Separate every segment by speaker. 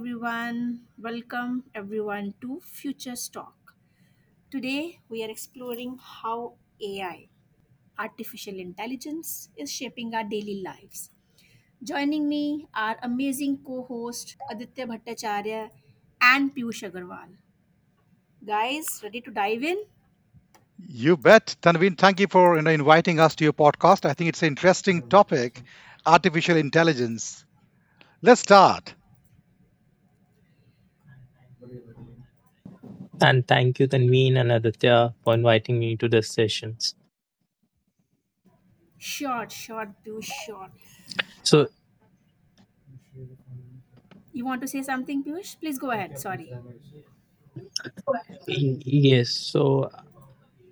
Speaker 1: everyone. Welcome, everyone, to Futures Talk. Today, we are exploring how AI, artificial intelligence, is shaping our daily lives. Joining me are amazing co host Aditya Bhattacharya and Piyush Agarwal. Guys, ready to dive in?
Speaker 2: You bet. Tanveen, thank you for inviting us to your podcast. I think it's an interesting topic, artificial intelligence. Let's start.
Speaker 3: And thank you, Tanveen and Aditya, for inviting me to this sessions.
Speaker 1: Short, short, Piyush, short.
Speaker 3: So
Speaker 1: You want to say something, Piyush? Please go ahead. Sorry.
Speaker 3: y- yes, so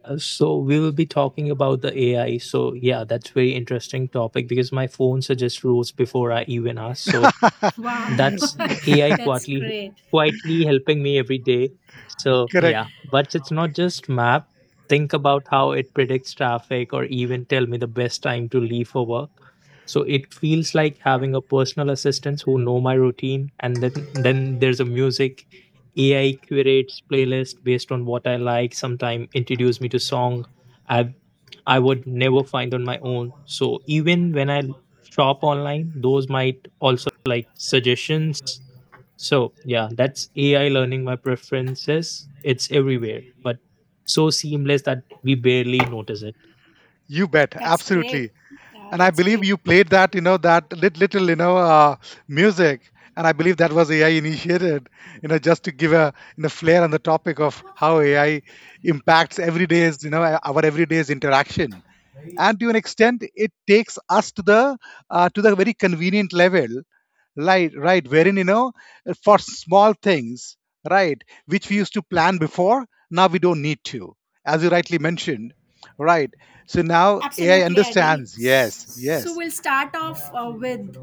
Speaker 3: so we will be talking about the AI. So yeah, that's very interesting topic because my phone suggests rules before I even ask. So
Speaker 1: Wow,
Speaker 3: that's AI
Speaker 1: that's
Speaker 3: quietly
Speaker 1: great.
Speaker 3: quietly helping me every day. So
Speaker 2: Correct.
Speaker 3: yeah, but it's not just map. Think about how it predicts traffic or even tell me the best time to leave for work. So it feels like having a personal assistant who know my routine, and then there's a music AI curates playlist based on what I like, sometime introduce me to song I've I would never find on my own. So even when I shop online. Those might also like suggestions. So, yeah, that's AI learning my preferences. It's everywhere, but so seamless that we barely notice it.
Speaker 2: You bet.
Speaker 1: That's great.
Speaker 2: Absolutely. And I
Speaker 1: That's
Speaker 2: believe
Speaker 1: great.
Speaker 2: you played that, little, music. And I believe that was AI initiated, you know, just to give a flair on the topic of how AI impacts every day's, you know, our everyday's interaction. And to an extent, it takes us to the very convenient level, right? right wherein for small things, right, which we used to plan before, now we don't need to, as you rightly mentioned, right? So now AI
Speaker 1: Absolutely, Adi.
Speaker 2: understands. Yes,
Speaker 1: So
Speaker 2: yes,
Speaker 1: we'll start off with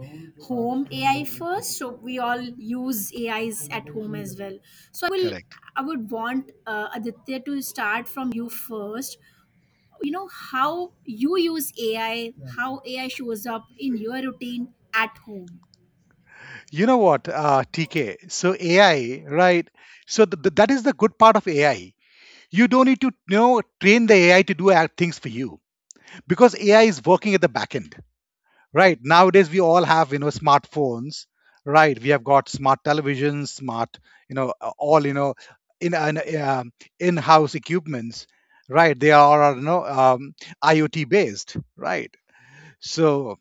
Speaker 1: home AI first. So we all use AIs at home as well. So I will,
Speaker 2: correct.
Speaker 1: I would want Aditya to start from you first. You know how you use AI, how AI shows up in your routine at home.
Speaker 2: You know what TK. So AI, right? So that is the good part of AI. You don't need to, you know, train the AI to do things for you, because AI is working at the back end, right? Nowadays we all have, you know, smartphones, right? We have got smart televisions, smart, all, you know, in an in-house equipments, right? They are, you know, IoT based, right? So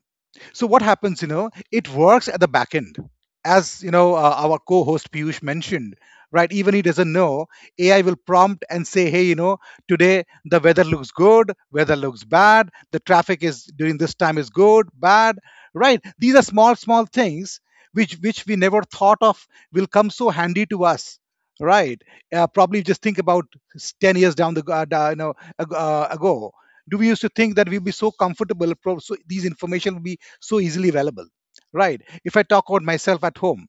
Speaker 2: so what happens, you know, it works at the back end. As you know, our co-host Piyush mentioned, right, even he doesn't know. AI will prompt and say, hey, you know, today the weather looks good, weather looks bad, the traffic is during this time is good, bad, right? These are small small things which we never thought of will come so handy to us, right? Probably just think about 10 years down the ago, do we used to think that we'll be so comfortable, so these information will be so easily available, right? If I talk about myself at home,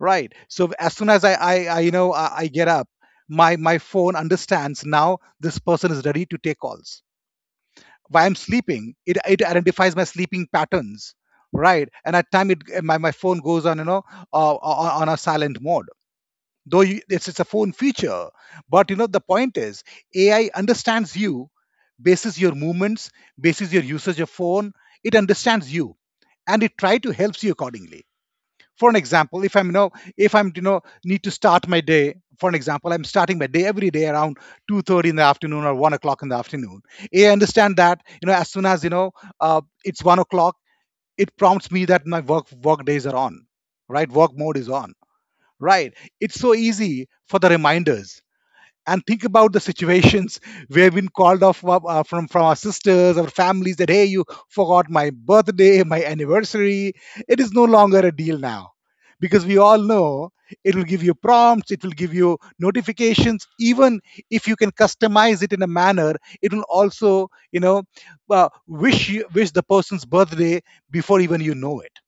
Speaker 2: right, so as soon as I you know I get up, my phone understands now this person is ready to take calls. While I'm sleeping, it identifies my sleeping patterns, right? And at time it, my phone goes on, on, a silent mode. Though it's a phone feature, but you know the point is AI understands you, bases your movements, bases your usage of phone. It understands you and it try to helps you accordingly. For an example, if I'm if I'm need to start my day. For an example, I'm starting my day every day around 2:30 in the afternoon or 1 o'clock in the afternoon. AI understand that, you know, as soon as you know, it's 1 o'clock, it prompts me that my work days are on, right? Work mode is on, right? It's so easy for the reminders. And think about the situations we have been called off from our sisters, our families, that hey, you forgot my birthday, my anniversary. It is no longer a deal now, because we all know it will give you prompts, it will give you notifications. Even if you can customize it in a manner, it will also, wish you, wish the person's birthday before even you know it.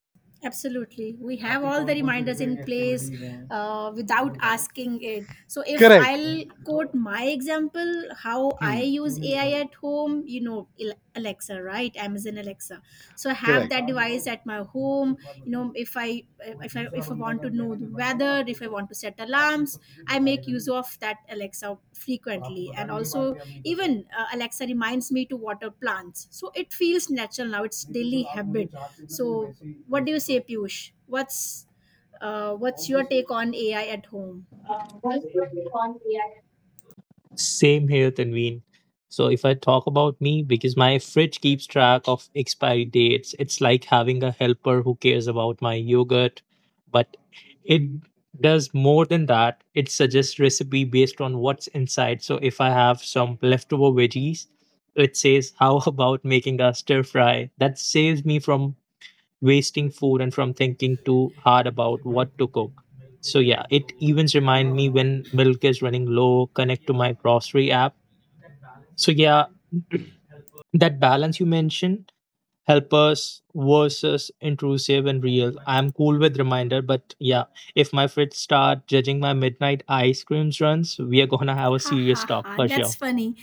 Speaker 1: Absolutely. We have Happy all the कौन कौन सी reminders contributed in project activity place activities without asking it. So, if
Speaker 2: Correct.
Speaker 1: I'll quote my example, how I
Speaker 2: Hmm.
Speaker 1: use AI at home, you know, Alexa, right? Amazon Alexa. So, I have
Speaker 2: Correct.
Speaker 1: that device at my home. You know, if I I if I if I want to know the weather, if I want to set alarms, I make use of that Alexa frequently, and also even Alexa reminds me to water plants. So it feels natural now; it's daily habit. So what do you say, Piyush? What's what's your take on AI at home?
Speaker 3: Same here, Tanveen. So if I talk about me, because my fridge keeps track of expiry dates, it's like having a helper who cares about my yogurt. But it does more than that. It suggests recipe based on what's inside. So if I have some leftover veggies, it says how about making a stir fry. That saves me from wasting food and from thinking too hard about what to cook. So yeah, it even remind me when milk is running low, connect to my grocery app. So yeah, that balance you mentioned, helpers versus intrusive and real. I'm cool with reminder, but yeah, if my fridge start judging my midnight ice creams runs, we are gonna have a
Speaker 1: Ha
Speaker 3: serious
Speaker 1: ha
Speaker 3: talk
Speaker 1: ha,
Speaker 3: for
Speaker 1: that's
Speaker 3: sure.
Speaker 1: funny.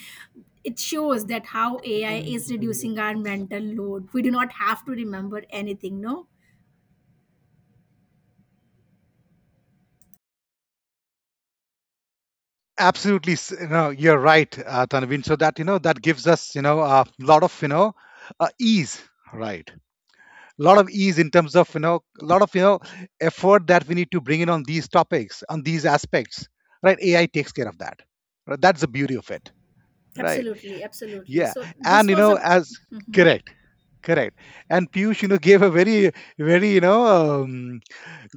Speaker 1: It shows that how AI is reducing our mental load. We do not have to remember anything, no?
Speaker 2: Absolutely. You know, you're right, Tanvin. So that, you know, that gives us, you know, a lot of ease, right? A lot of ease in terms of, you know, a lot of, you know, effort that we need to bring in on these topics, on these aspects, right? AI takes care of that, right? That's the beauty of it, right?
Speaker 1: Absolutely, absolutely.
Speaker 2: Yeah.
Speaker 1: So
Speaker 2: And
Speaker 1: this
Speaker 2: you
Speaker 1: was
Speaker 2: know,
Speaker 1: a
Speaker 2: as correct, correct. And Piyush, you know, gave a very, you know,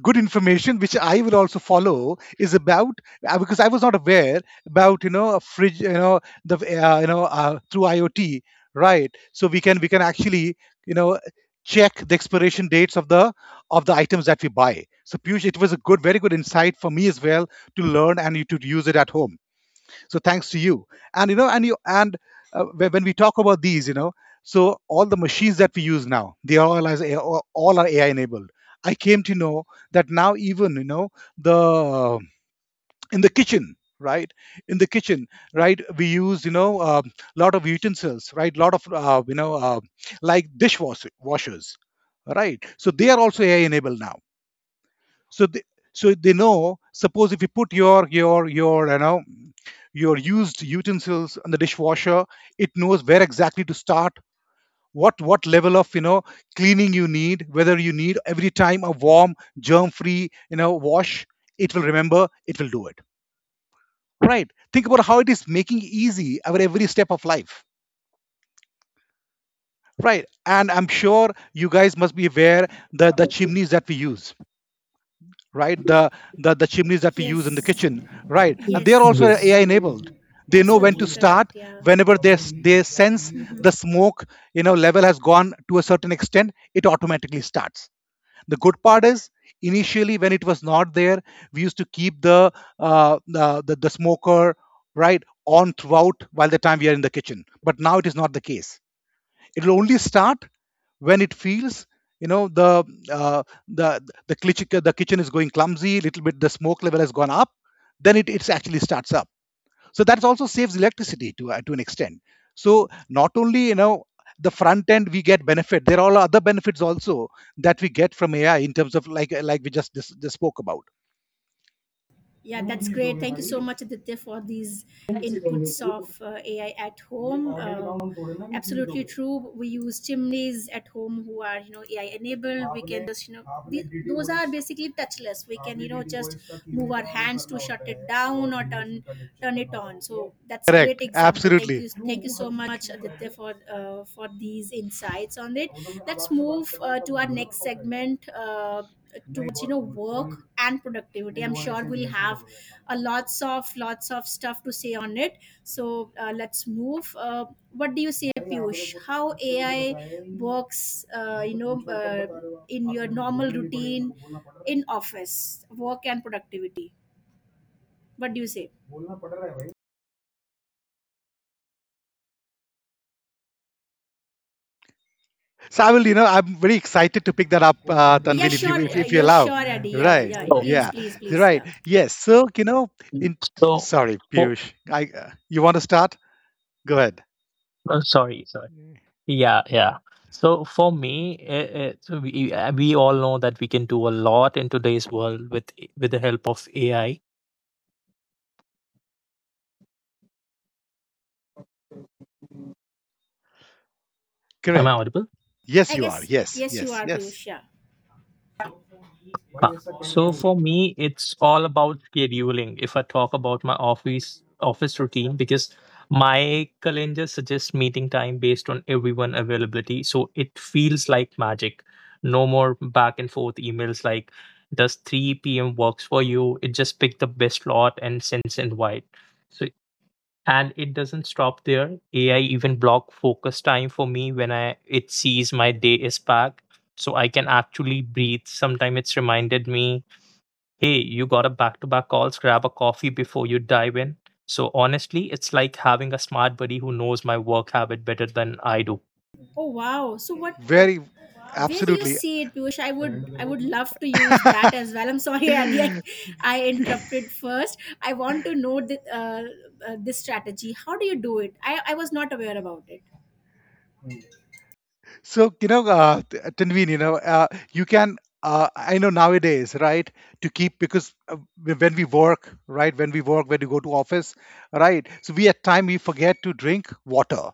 Speaker 2: good information which I will also follow, is about because I was not aware about, you know, a fridge, you know, the you know, through IoT, right? So we can actually, you know, check the expiration dates of the items that we buy. So Piyush, it was a good, very good insight for me as well to learn and to use it at home. So thanks to you and you know, and you and when we talk about these, you know, so all the machines that we use now, they are all as AI, all are AI enabled. I came to know that now even, you know, the in the kitchen, right? In the kitchen, right, we use, you know, a lot of utensils, right? Lot of, like dishwasher washers, right? So they are also AI enabled now. So so they know, suppose if you put your you know your used utensils and the dishwasher, it knows where exactly to start, what level of, you know, cleaning you need, whether you need every time a warm germ free, you know, wash. It will remember, it will do it, right? Think about how it is making easy our every step of life, right? And I'm sure you guys must be aware that the chimneys that we use, right? The chimneys that we use in the
Speaker 1: Yes.
Speaker 2: kitchen, right? And they are
Speaker 1: Yes. Yes.
Speaker 2: also
Speaker 3: Yes.
Speaker 2: AI enabled. They know when to
Speaker 1: Absolutely correct.
Speaker 2: start.
Speaker 1: Yeah.
Speaker 2: Whenever they they sense the smoke, you know, level has gone to a certain extent, it automatically starts. The good part is initially when it was not there, we used to keep the the smoker right on throughout while the time we are in the kitchen. But now it is not the case. It will only start when it feels, you know, the uh, the the kitchen, the kitchen is going clumsy a little bit, the smoke level has gone up, then it's actually starts up. So that also saves electricity to an extent. So not only, you know, the front end we get benefit, there are all other benefits also that we get from AI in terms of like we just, just spoke about.
Speaker 1: Yeah, that's great. Thank you so much, Aditya, for these inputs of AI at home. Absolutely true. We use chimneys at home who are, AI enabled. We can just, the, those are basically touchless. We can, just move our hands to shut it down or turn it on. So that's great
Speaker 2: Correct.
Speaker 1: example.
Speaker 2: Absolutely.
Speaker 1: Thank you so much, Aditya, for these insights on it. Let's move to our next segment. Towards, work and productivity. I'm sure we'll have a lots of stuff to say on it. So, let's move. What do you say, Piyush? How AI works, uh, you know uh, in your normal routine, in office work and productivity. What do you say?
Speaker 2: So I will, you know, I'm very excited to pick that up,
Speaker 1: Yeah,
Speaker 2: Tanvin,
Speaker 1: sure.
Speaker 2: if you
Speaker 1: Yeah,
Speaker 2: allow.
Speaker 1: sure, Adi. Yeah,
Speaker 2: Right.
Speaker 1: yeah,
Speaker 3: Oh,
Speaker 1: please,
Speaker 2: Yeah.
Speaker 1: please, please.
Speaker 2: Right.
Speaker 1: Yeah,
Speaker 2: Yes. So you know, in,
Speaker 3: so
Speaker 2: sorry,
Speaker 3: oh,
Speaker 2: Piyush, I you want to start? Go ahead.
Speaker 3: sorry. Yeah, yeah. So for me, so we all know that we can do a lot in today's world with the help of AI. Am I
Speaker 2: Correct.
Speaker 3: audible?
Speaker 2: Yes,
Speaker 1: I
Speaker 2: you
Speaker 1: guess.
Speaker 2: are. Yes,
Speaker 1: Yes, you
Speaker 2: yes,
Speaker 1: are,
Speaker 2: yes.
Speaker 1: Piyush. Yeah.
Speaker 3: Huh. So for me, it's all about scheduling. If I talk about my office routine, because my calendar suggests meeting time based on everyone availability, so it feels like magic. No more back and forth emails like, "Does 3 p.m. works for you?" It just picks the best slot and sends invite. So and it doesn't stop there. AI even block focus time for me when I it sees my day is back, so I can actually breathe. Sometime it's reminded me, hey, you got a back to back calls, grab a coffee before you dive in. So honestly, it's like having a smart buddy who knows my work habit better than I do.
Speaker 1: Oh, wow. So what? Oh,
Speaker 2: Very,
Speaker 1: where do you
Speaker 2: absolutely.
Speaker 1: see it, Piyush? I would love to use that as well. I'm sorry, Adi, I interrupted first. I want to know this strategy. How do you do it? I was not aware about it.
Speaker 2: So, you know, Tanveen, you know, you can, I know nowadays, right, to keep, because when we work, right, when we work, when we go to office, right, so we at time, we forget to drink water,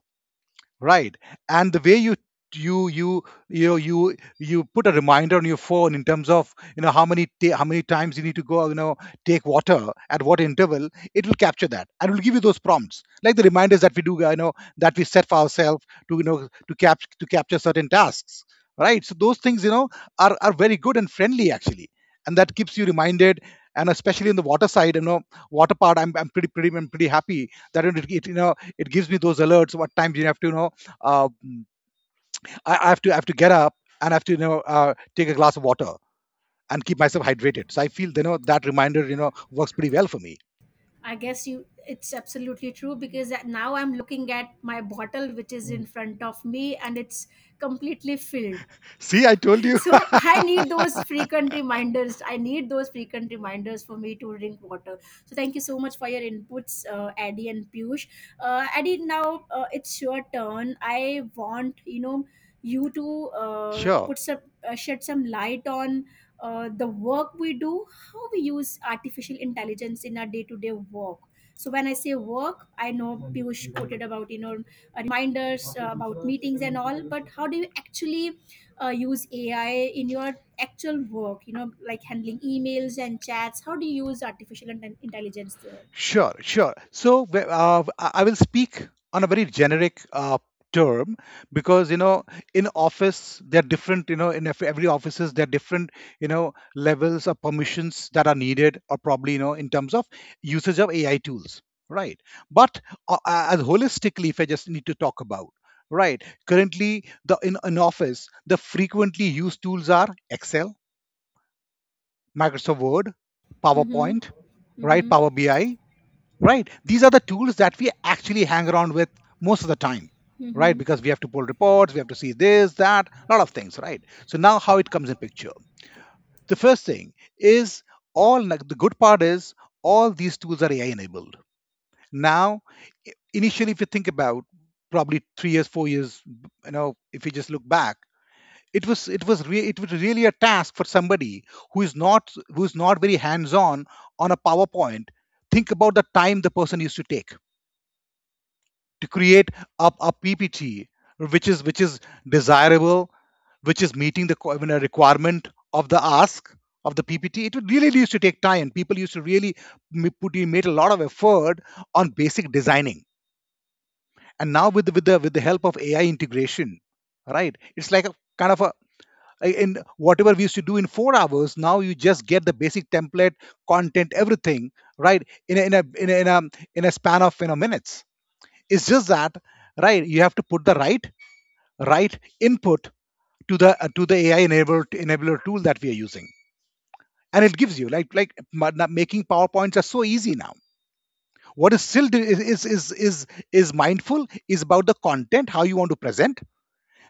Speaker 2: right? And the way you you you know, you put a reminder on your phone in terms of, you know, how many how many times you need to go, you know, take water, at what interval, it will capture that and it will give you those prompts, like the reminders that we do, you know, that we set for ourselves to you know, to capture certain tasks, right? So those things, you know, are very good and friendly actually, and that keeps you reminded. And especially in the water side, you know, water part, I'm pretty, I'm pretty happy that it, you know, it gives me those alerts what times you have to, um, I have to, I have to get up and I have to you know, take a glass of water and keep myself hydrated. So I feel, you know, that reminder, you know, works pretty well for me.
Speaker 1: I guess you, it's absolutely true because now I'm looking at my bottle, which is in front of me, and it's completely filled.
Speaker 2: See, I told you.
Speaker 1: So I need those frequent reminders. I need those frequent reminders for me to drink water. So thank you so much for your inputs, Addy and Piyush. Addy, now it's your turn. I want, you to
Speaker 2: Sure.
Speaker 1: put some shed some light on the work we do, how we use artificial intelligence in our day-to-day work. So when I say work, I know Piyush quoted about, reminders, about meetings and all, but how do you actually use AI in your actual work, like handling emails and chats? How do you use artificial intelligence there?
Speaker 2: Sure. So I will speak on a very generic term, because you know, in office, there are different, you know, in every offices, there are different, you know, levels of permissions that are needed, or probably, you know, in terms of usage of AI tools, right? But as holistically, if I just need to talk about, right, currently, the in an office the frequently used tools are Excel, Microsoft Word,
Speaker 1: Mm-hmm,
Speaker 2: PowerPoint, right?
Speaker 1: mm-hmm,
Speaker 2: Power BI, right? These are the tools that we actually hang around with most of the time, right?
Speaker 1: mm-hmm,
Speaker 2: Because we have to pull reports, we have to see this, that, a lot of things, right? So now how it comes in picture, the first thing is all, like, the good part is all these tools are AI enabled now. Initially, if you think about probably 3 years, 4 years, you know, if you just look back, it was, it was really a task for somebody who is not, who is not very hands on a PowerPoint. Think about the time the person used to take to create a PPT, which is, desirable, which is meeting the I a requirement of the ask of the PPT. It would really used to take time. People used to really put in made a lot of effort on basic designing. And now with the help of AI integration, right? It's like a kind of a in whatever we used to do in four hours, now you just get the basic template, content, everything, right? In a in a in a in a, in a span of minutes. It's just that right, you have to put the right input to the AI enabler tool that we are using, and it gives you like making PowerPoints are so easy now. What is still do- is mindful is about the content, how you want to present.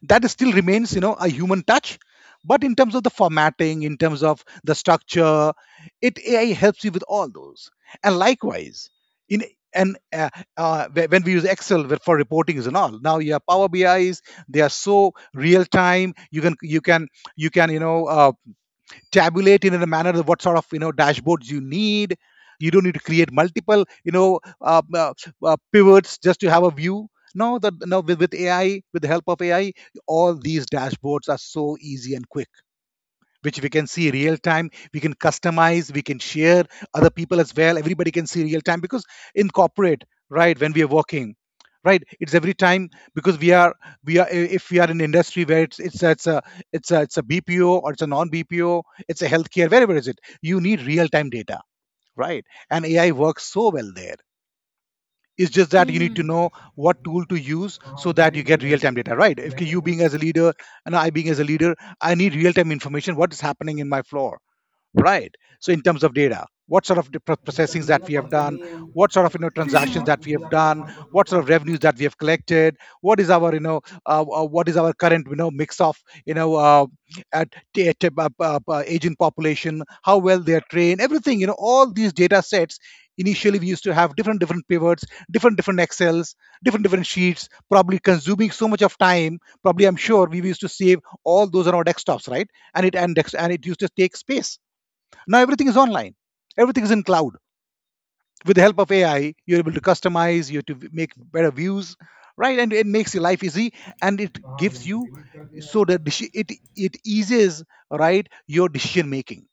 Speaker 2: That still remains, you know, a human touch. But in terms of the formatting, in terms of the structure, it AI helps you with all those. And likewise in and when we use Excel for reportings and all, now you have Power BIs. They are so real time. You can you can you know tabulate in a manner of what sort of you know dashboards you need. You don't need to create multiple you know pivots just to have a view. No, that no, with AI, with the help of AI, all these dashboards are so easy and quick, which we can see real time. We can customize, we can share other people as well. Everybody can see real time, because in corporate right, when we are working right, it's every time because we are if we are in industry where it's a BPO or it's a non BPO, it's a healthcare, wherever is it, you need real time data, right? And AI works so well there. It's just that you need to
Speaker 1: mm-hmm.
Speaker 2: know what tool to use so that you get real time data, right? If you being as a leader, and I being as a leader, I need real time information, what is happening in my floor, right? So in terms of data, what sort of processings that we have done, what sort of you know transactions that we have done, what sort of revenues
Speaker 1: हैं
Speaker 2: that we have collected, what is our you know what is our current you know mix of you know agent population, how well they are trained, everything, you know, all these data sets. Initially, we used to have different different pivots, different different excels, different different sheets, probably consuming so much of time. Probably, I'm sure we used to save all those on our desktops, right? And it used to take space. Now everything is online. Everything is in cloud. With the help of AI, you're able to customize, you're to make better views, right? And it makes your life easy, and it gives you so that it eases, right, your decision making.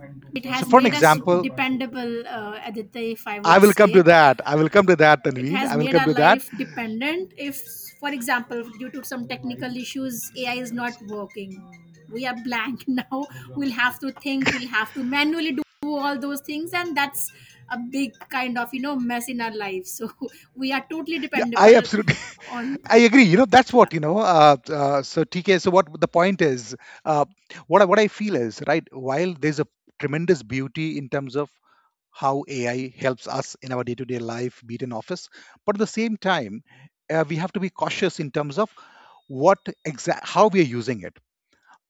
Speaker 1: मैं but it
Speaker 2: So
Speaker 1: has
Speaker 2: for an
Speaker 1: made us
Speaker 2: example,
Speaker 1: dependable, Aditya. If I
Speaker 2: I
Speaker 1: would
Speaker 2: will
Speaker 1: say,
Speaker 2: come to that. I will come to that,
Speaker 1: it
Speaker 2: Tanveen.
Speaker 1: has
Speaker 2: I will
Speaker 1: made
Speaker 2: come
Speaker 1: our
Speaker 2: to that.
Speaker 1: life dependent. If, for example, due to some technical issues AI is not working, we are blank. Now we'll have to think, we'll have to manually do all those things, and that's a big kind of, mess in our lives. So we are totally
Speaker 2: Yeah, I
Speaker 1: dependable
Speaker 2: absolutely,
Speaker 1: on.
Speaker 2: I agree. You know, that's what you know. So TK, so what the point is? Uh, what I feel is right. While there's a tremendous beauty in terms of how AI helps us in our day to day life, be it in office. But at the same time, we have to be cautious in terms of what exact how we are using it.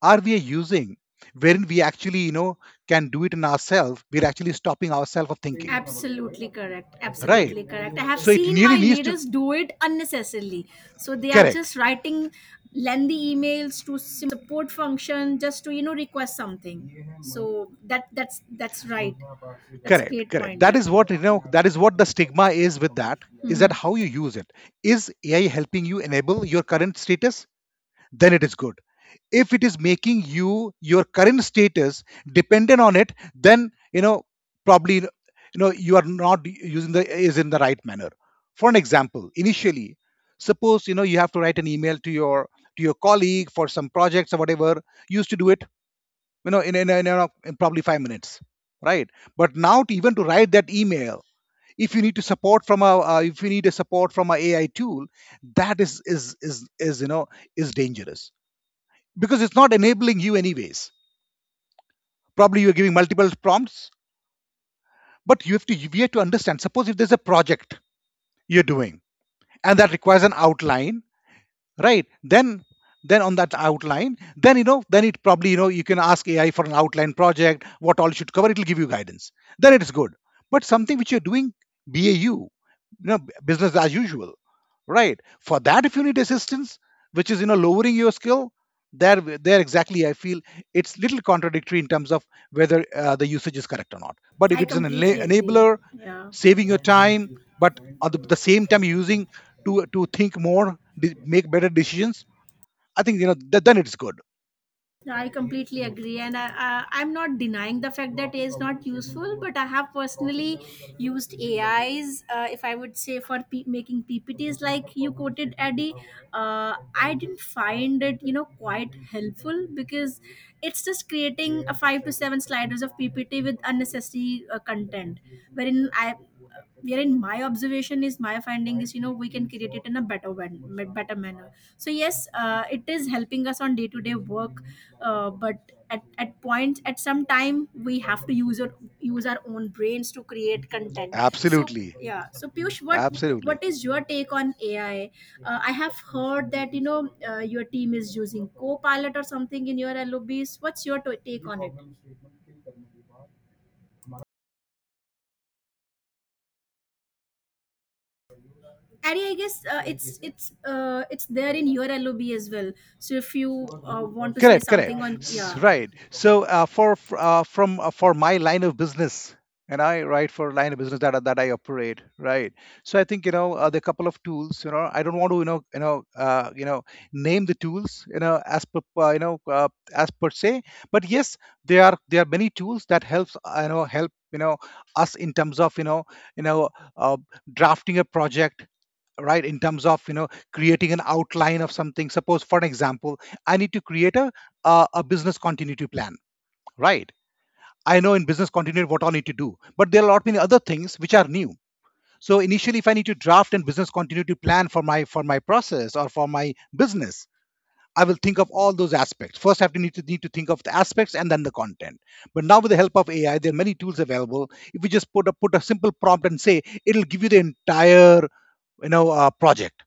Speaker 2: Are we using wherein we actually you know can do it in ourselves? We're actually stopping ourselves of thinking,
Speaker 1: Absolutely correct.
Speaker 2: right?
Speaker 1: Absolutely correct. I have
Speaker 2: So it
Speaker 1: seen
Speaker 2: really
Speaker 1: my
Speaker 2: needs to
Speaker 1: leaders do it unnecessarily. So they are
Speaker 2: correct,
Speaker 1: just writing lengthy emails to simple support function, just to, request something. So that's right. That's great
Speaker 2: correct.
Speaker 1: point.
Speaker 2: That
Speaker 1: Yeah.
Speaker 2: is what you know. That is what the stigma is with that. Is that
Speaker 1: Mhm.
Speaker 2: how you use it? Is AI helping you enable your current status? Then it is good. If it is making you your current status dependent on it, then you know probably you know you are not using the is in the right manner. For an example, initially suppose you know you have to write an email to your colleague for some projects or whatever, you used to do it you know in, probably five minutes, right? But now to even to write that email, if you need to support from a if you need a support from a AI tool that is you know is dangerous, because it's not enabling you anyways. Probably you're giving multiple prompts, but you have to we have to understand. Suppose if there's a project you're doing and that requires an outline, right? Then on that outline, then you know, then it probably you know you can ask AI for an outline project, what all should cover. It'll give you guidance. Then it is good. But something which you're doing BAU, you know, business as usual, right, for that if you need assistance which is you know lowering your skill, there there exactly I feel it's little contradictory in terms of whether the usage is correct or not. But if
Speaker 1: I
Speaker 2: it's an
Speaker 1: completely agree.
Speaker 2: enabler
Speaker 1: Yeah.
Speaker 2: saving your time, but at the same time you're using to think more make better decisions, I think you know then it's good.
Speaker 1: No, I completely agree, and I'm not denying the fact that AI is not useful, but I have personally used AIs. If I would say, for making PPTs, like you quoted, Eddie, uh, I didn't find it, quite helpful, because it's just creating a five to seven sliders of PPT with unnecessary content, wherein I wherein my observation is, my finding is, you know we can create it in a better one better manner. So yes, it is helping us on day to day work, but at some time we have to use our own brains to create content. So
Speaker 2: Absolutely,
Speaker 1: yeah. So Piyush, what
Speaker 2: absolutely.
Speaker 1: what is your take on AI? I have heard that, your team is using copilot or something in your lobbies. What's your take on it? Ari, I guess it's there in your LOB as well. So if you want to say
Speaker 2: Correct,
Speaker 1: something
Speaker 2: correct.
Speaker 1: on, yeah,
Speaker 2: Right. So for f- from for my line of business, and I right for line of business that that I operate, right. So I think you know there are a couple of tools. You know, I don't want to you know you know you know name the tools you know as per you know as per se, but yes, there are many tools that helps you know help you know us in terms of you know uh, drafting a project right, in terms of you know creating an outline of something. Suppose for an example I need to create a a business continuity plan, right? I know in business continuity what I need to do, but there are a lot many other things which are new. So initially if I need to draft a business continuity plan for my process or for my business, I will think of all those aspects first. I have to need to think of the aspects and then the content. But now with the help of AI, there are many tools available. If we just put a put a simple prompt and say, it'll give you the entire you know project.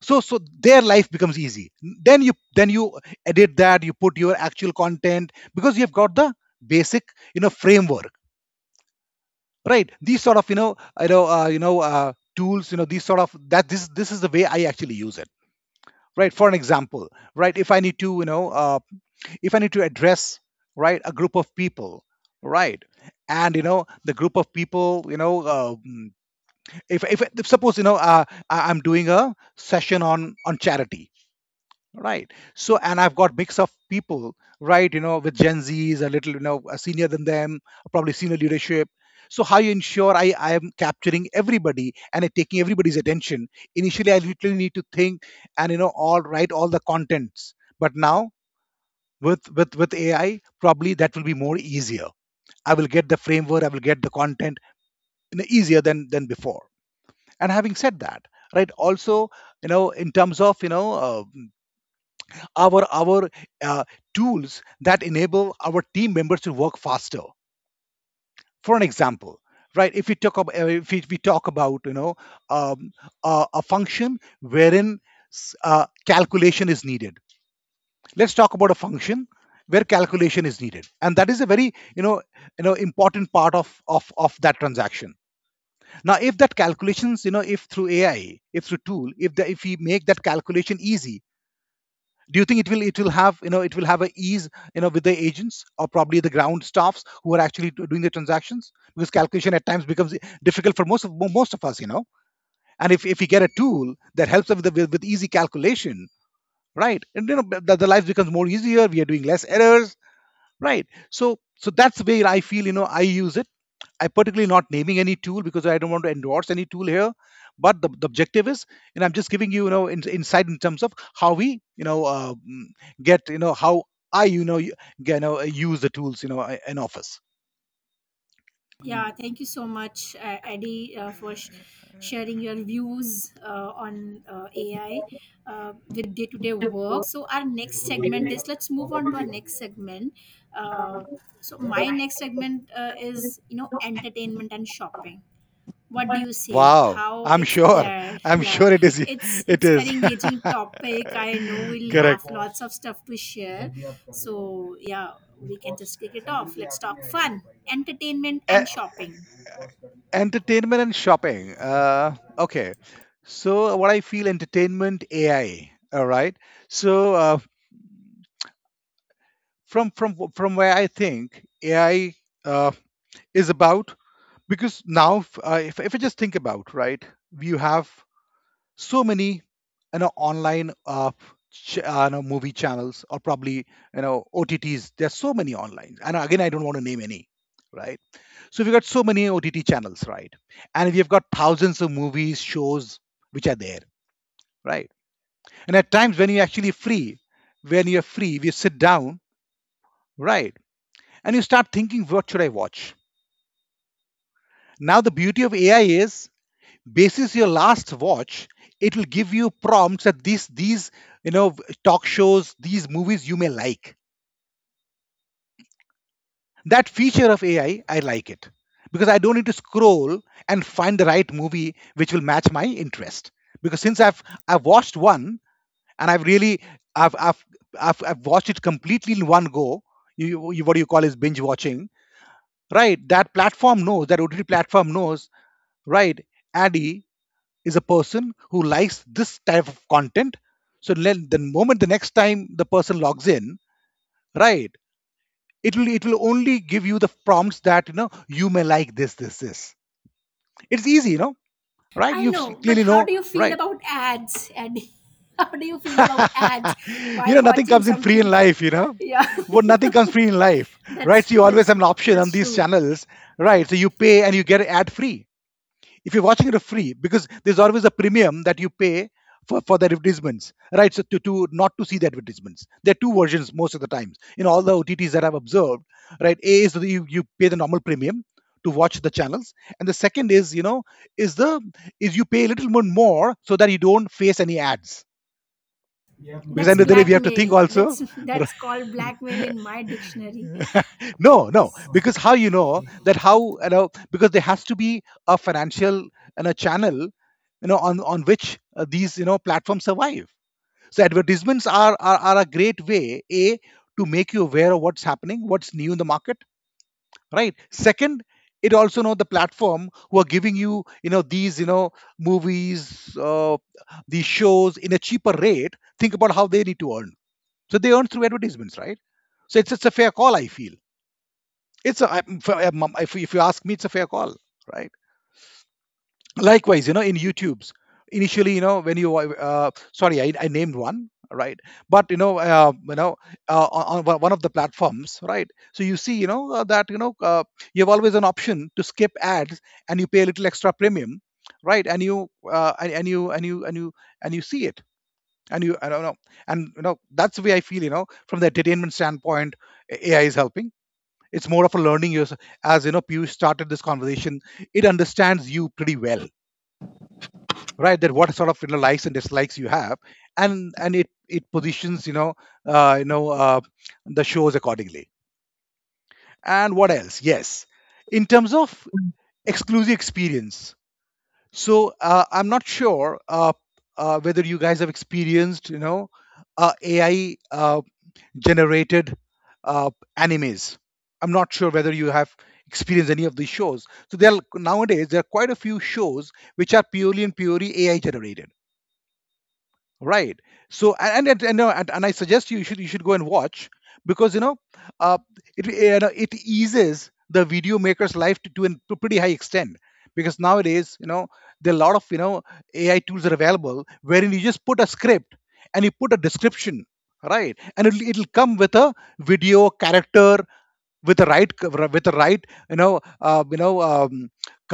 Speaker 2: So so their life becomes easy. Then you then you edit that, you put your actual content, because you've got the basic you know framework, right? These sort of you know you know you know tools you know, these sort of that this is the way I actually use it, right? For an example, right, if I need to you know if I need to address right a group of people, right? And you know the group of people you know if, if suppose you know I'm doing a session on charity. Right. So, and I've got mix of people, right? You know, with Gen Zs, a little, you know, a senior than them, probably senior leadership. So, how you ensure I am capturing everybody and it taking everybody's attention? Initially, I literally need to think and you know, all write all the contents. But now, with AI, probably that will be more easier. I will get the framework, I will get the content you know, easier than before. And having said that, right? Also, you know, in terms of you know. Our uh, tools that enable our team members to work faster. For an example, right? If we talk about if we talk about you know um, a function wherein calculation is needed. Let's talk about a function where calculation is needed, and that is a very you know important part of of that transaction. Now, if that calculations, if through AI, if through tool, if we make that calculation easy, do you think it will have, it will have a ease, you know, with the agents or probably the ground staffs who are actually doing the transactions? Because calculation at times becomes difficult for most of most of us, you know. And if we get a tool that helps us with, the, with easy calculation, right, and you know the life becomes more easier, we are doing less errors, right? So that's the way I feel, you know, I use it. I'm particularly not naming any tool because I don't want to endorse any tool here. But the objective is, and I'm just giving you, insight in terms of how we, get, how I, use the tools, you know, in office.
Speaker 1: yeah, thank you so much, Eddie, for sharing your views on AI with day to day work. So, our next segment is let's move on to our next segment. Uh, so, my next segment is, entertainment and shopping. What do you say?
Speaker 2: Wow,
Speaker 1: How it's there?
Speaker 2: I'm
Speaker 1: Yeah,
Speaker 2: sure
Speaker 1: it's
Speaker 2: it
Speaker 1: it's very
Speaker 2: is,
Speaker 1: engaging topic. I know we'll have
Speaker 2: correct.
Speaker 1: lots of stuff to share. So yeah, we can just kick it off. Let's talk fun, entertainment and
Speaker 2: E-
Speaker 1: shopping.
Speaker 2: Entertainment and shopping. Okay, so what I feel, entertainment AI. All right, so. From where I think AI uh, is about, because now if I just think about, right, you have so many, you know, online, you know, movie channels or probably, you know, OTTs. There's so many online, and again I don't want to name any, right? So we've got so many OTT channels, right? And we've got thousands of movies, shows which are there, right? And at times when you're actually free, when you're free, we sit down, right, and you start thinking, what should I watch? Now, the beauty of AI is, basis your last watch, it will give you prompts that these, you know, talk shows, these movies you may like. That feature of AI, I like it because I don't need to scroll and find the right movie which will match my interest. Because since I've watched one and I've really I've I've I've watched it completely in one go. You, what do you call, is binge watching, right? That platform knows, that OTT platform knows, right? Addy is a person who likes this type of content. So the moment the next time the person logs in, right, it will only give you the prompts that, you know, you may like this, this, this. It's easy, you know, right?
Speaker 1: I
Speaker 2: You
Speaker 1: know, but
Speaker 2: clearly
Speaker 1: how
Speaker 2: know,
Speaker 1: do you feel
Speaker 2: right?
Speaker 1: about ads, Eddie? How do you feel about ads
Speaker 2: You
Speaker 1: while
Speaker 2: know, nothing
Speaker 1: watching
Speaker 2: comes in free in
Speaker 1: something?
Speaker 2: life, you know.
Speaker 1: Yeah.
Speaker 2: But nothing comes free in life, right?
Speaker 1: that's
Speaker 2: So you always
Speaker 1: that's
Speaker 2: have an option on
Speaker 1: that's
Speaker 2: these
Speaker 1: true.
Speaker 2: channels,
Speaker 1: Yeah,
Speaker 2: right? So you pay and you get ad free. If you're watching it for free, because there's always a premium that you pay for the advertisements, right? So to not to see the advertisements, there are two versions most of the times in all the OTTs that I've observed, right? A is that you pay the normal premium to watch the channels, and the second is, you know is the is you pay a little bit more so that you don't face any ads, because
Speaker 1: that's
Speaker 2: end of the day we have to think
Speaker 1: blackmail.
Speaker 2: also.
Speaker 1: That's, that's called blackmail in my dictionary.
Speaker 2: No, no, because how you know that, how you know, because there has to be a financial and a channel, you know, on which, these, you know, platforms survive. So advertisements are, are a great way, a, to make you aware of what's happening, what's new in the market, right? Second, it also know the platform who are giving you, you know, these, you know, movies, these shows in a cheaper rate. Think about how they need to earn. So they earn through advertisements, right? So it's a fair call, I feel. It's a, if you ask me, it's a fair call, right? Likewise, you know, in YouTube's initially, you know, when you, sorry, I named one, right? But you know, on one one of the platforms, right? So you see, that you know, you have always an option to skip ads, and you pay a little extra premium, right? And you and you and you and you and you see it, and you, I don't know, and you know, that's the way I feel, you know, from the entertainment standpoint, AI is helping. It's more of a learning. Yours, as you know, Piyush started this conversation, it understands you pretty well, right? That what sort of, you know, likes and dislikes you have, and it positions, uh, you know uh, the shows accordingly. And what else? Yes, in terms of exclusive experience. So, I'm not sure, whether you guys have experienced, you know, AI generated, uh, animes. I'm not sure whether you have experienced any of these shows. So there are, nowadays, there are quite a few shows which are purely and purely AI generated, right? So and and and, no, and, and I suggest you should go and watch, because, you know, uh, it, you know, it eases the video maker's life to, to a pretty high extent, because nowadays, you know, there are a lot of, you know, AI tools that are available, wherein you just put a script and you put a description, right, and it'll, it'll come with a video character with the right with the right,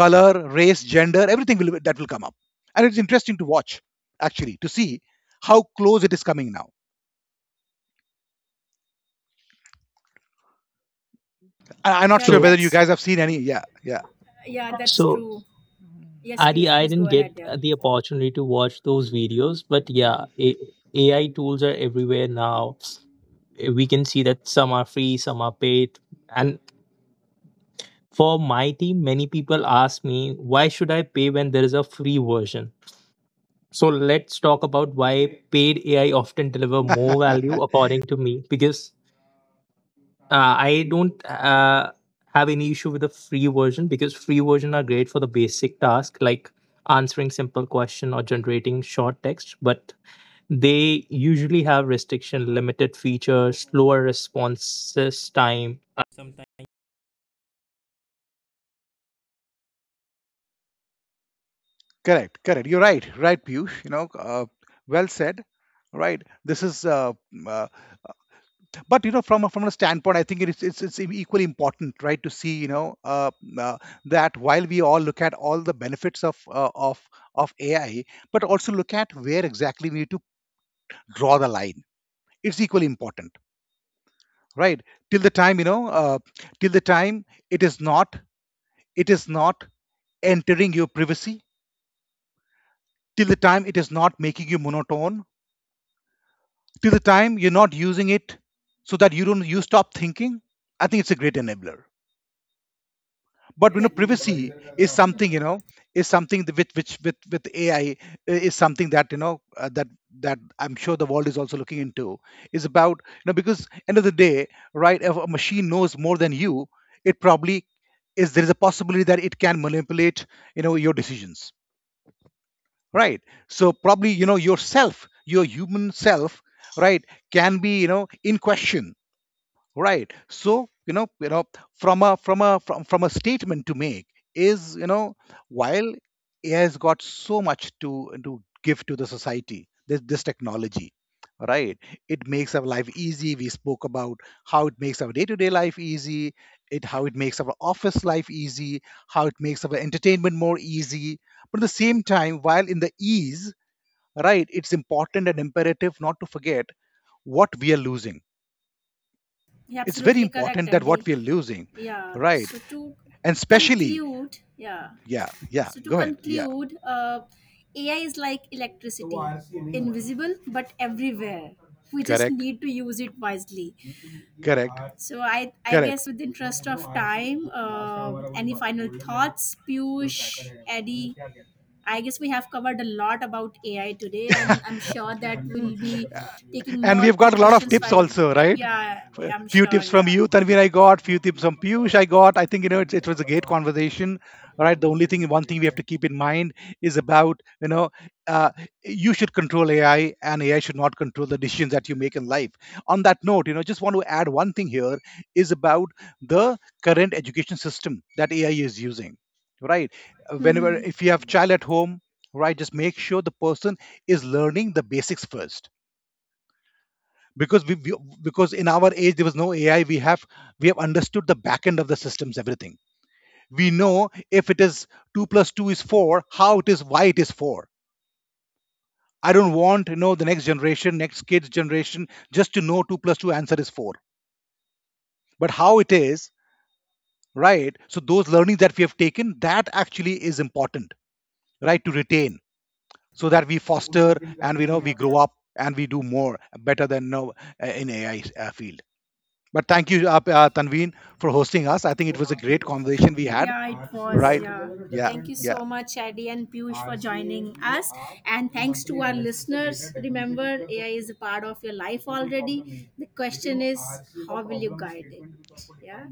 Speaker 2: color, race, gender, everything, will, that will come up. And it's interesting to watch, actually, to see how close it is coming now. I'm not
Speaker 1: Yeah,
Speaker 2: sure whether
Speaker 3: So,
Speaker 2: you
Speaker 1: that's,
Speaker 2: guys have seen any. Yeah, yeah.
Speaker 1: yeah, that's
Speaker 3: so
Speaker 1: true. Yes,
Speaker 3: Adi,
Speaker 1: Piyush,
Speaker 3: I
Speaker 1: please go
Speaker 3: didn't get
Speaker 1: ahead. Yeah,
Speaker 3: the opportunity to watch those videos, but yeah, AI tools are everywhere now. Eh, we can see that some are free, some are paid. And for my team, many people ask me, why should I pay when there is a free version? So let's talk about why paid AI often deliver more value according to me, because I don't have any issue with the free version because free version are great for the basic task like answering simple question or generating short text, but they usually have restriction, limited features, slower responses time.
Speaker 2: Correct, correct. You're right, right, Piyush, you know. Well said, right? This is, uh, but you know, from a, from a standpoint, I think it's equally important, right, to see, you know, uh, that while we all look at all the benefits of, of AI, but also look at where exactly we need to draw the line. It's equally important, right? Till the time, you know, till the time it is not, it is not entering your privacy, till the time it is not making you monotone, till the time you're not using it so that you don't, you stop thinking. I think it's a great enabler, but you
Speaker 1: yeah,
Speaker 2: know, privacy is something, you know, is something that, with which, with AI, is something that, you know, that that I'm sure the world is also looking into. Is about, you know, because end of the day, right, if a machine knows more than you, it probably is, there is a possibility that it can manipulate, you know, your decisions, right? So probably, you know, yourself, your human self, right, can be, you know, in question, right? So, you know, you know, from a, from a, from a statement to make is, you know, while it has got so much to give to the society, this technology, right, it makes our life easy. We spoke about how it makes our day-to-day life easy, it, how it makes our office life easy, how it makes our entertainment more easy, but at the same time, while in the ease, right, it's important and imperative not to forget what we are losing.
Speaker 1: yeah,
Speaker 2: It's very
Speaker 1: absolutely correct,
Speaker 2: important that
Speaker 1: Eddie.
Speaker 2: what we are losing,
Speaker 1: Yeah,
Speaker 2: right? And especially,
Speaker 1: conclude yeah
Speaker 2: yeah, yeah,
Speaker 1: so to
Speaker 2: go ahead. Yeah,
Speaker 1: conclude, AI is like तो वो electricity, invisible but everywhere. We just
Speaker 2: correct,
Speaker 1: need to use it wisely.
Speaker 2: correct,
Speaker 1: So I
Speaker 2: correct.
Speaker 1: guess, with the interest of time, any final thoughts, Piyush, Eddie? I guess we have covered a lot about AI today, and I'm sure that we'll be taking
Speaker 2: And
Speaker 1: more
Speaker 2: we've got a lot of
Speaker 1: precautions
Speaker 2: tips
Speaker 1: while.
Speaker 2: also, right?
Speaker 1: Yeah, I'm
Speaker 2: Few
Speaker 1: sure.
Speaker 2: tips from
Speaker 1: Yeah.
Speaker 2: you, Tanvir, I got. Few tips from Piyush, I got. I think, you know, it's, it was a great conversation. All right. The only thing, one thing we have to keep in mind is about, you know, uh, you should control AI, and AI should not control the decisions that you make in life. On that note, you know, just want to add one thing here is about the current education system that AI is using. Right. Whenever,
Speaker 1: Hmm.
Speaker 2: if you have child at home, right, just make sure the person is learning the basics first. Because we because in our age there was no AI, we have understood the back end of the systems, everything. We know if it is 2 plus 2 is 4, how it is, why it is 4. I don't want to know the next generation, next kids generation, just to know 2 plus 2 answer is 4, but how it is, right? So those learnings that we have taken, that actually is important, right, to retain so that we foster and we know, we grow up and we do more better than now, in AI, field. But thank you, Tanveen, for hosting us. I think it was a great conversation we had,
Speaker 1: Yeah, it was. से
Speaker 2: right?
Speaker 1: Yeah.
Speaker 2: Yeah,
Speaker 1: Thank you
Speaker 2: yeah.
Speaker 1: so much, Adi and Piyush, for joining us. And thanks to monthly our listeners. Remember, AI is a part of your life already. The लेकिन question is, how will you guide it? Yeah.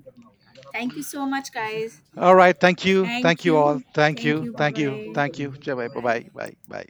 Speaker 1: Thank you कोई so much, guys.
Speaker 2: All right. Thank you. Thank
Speaker 1: Thank
Speaker 2: you all.
Speaker 1: you.
Speaker 2: Thank
Speaker 1: Thank
Speaker 2: you.
Speaker 1: you.
Speaker 2: Thank you.
Speaker 1: Bye-bye.
Speaker 2: Thank you. Bye bye.
Speaker 1: Bye.
Speaker 2: Bye bye.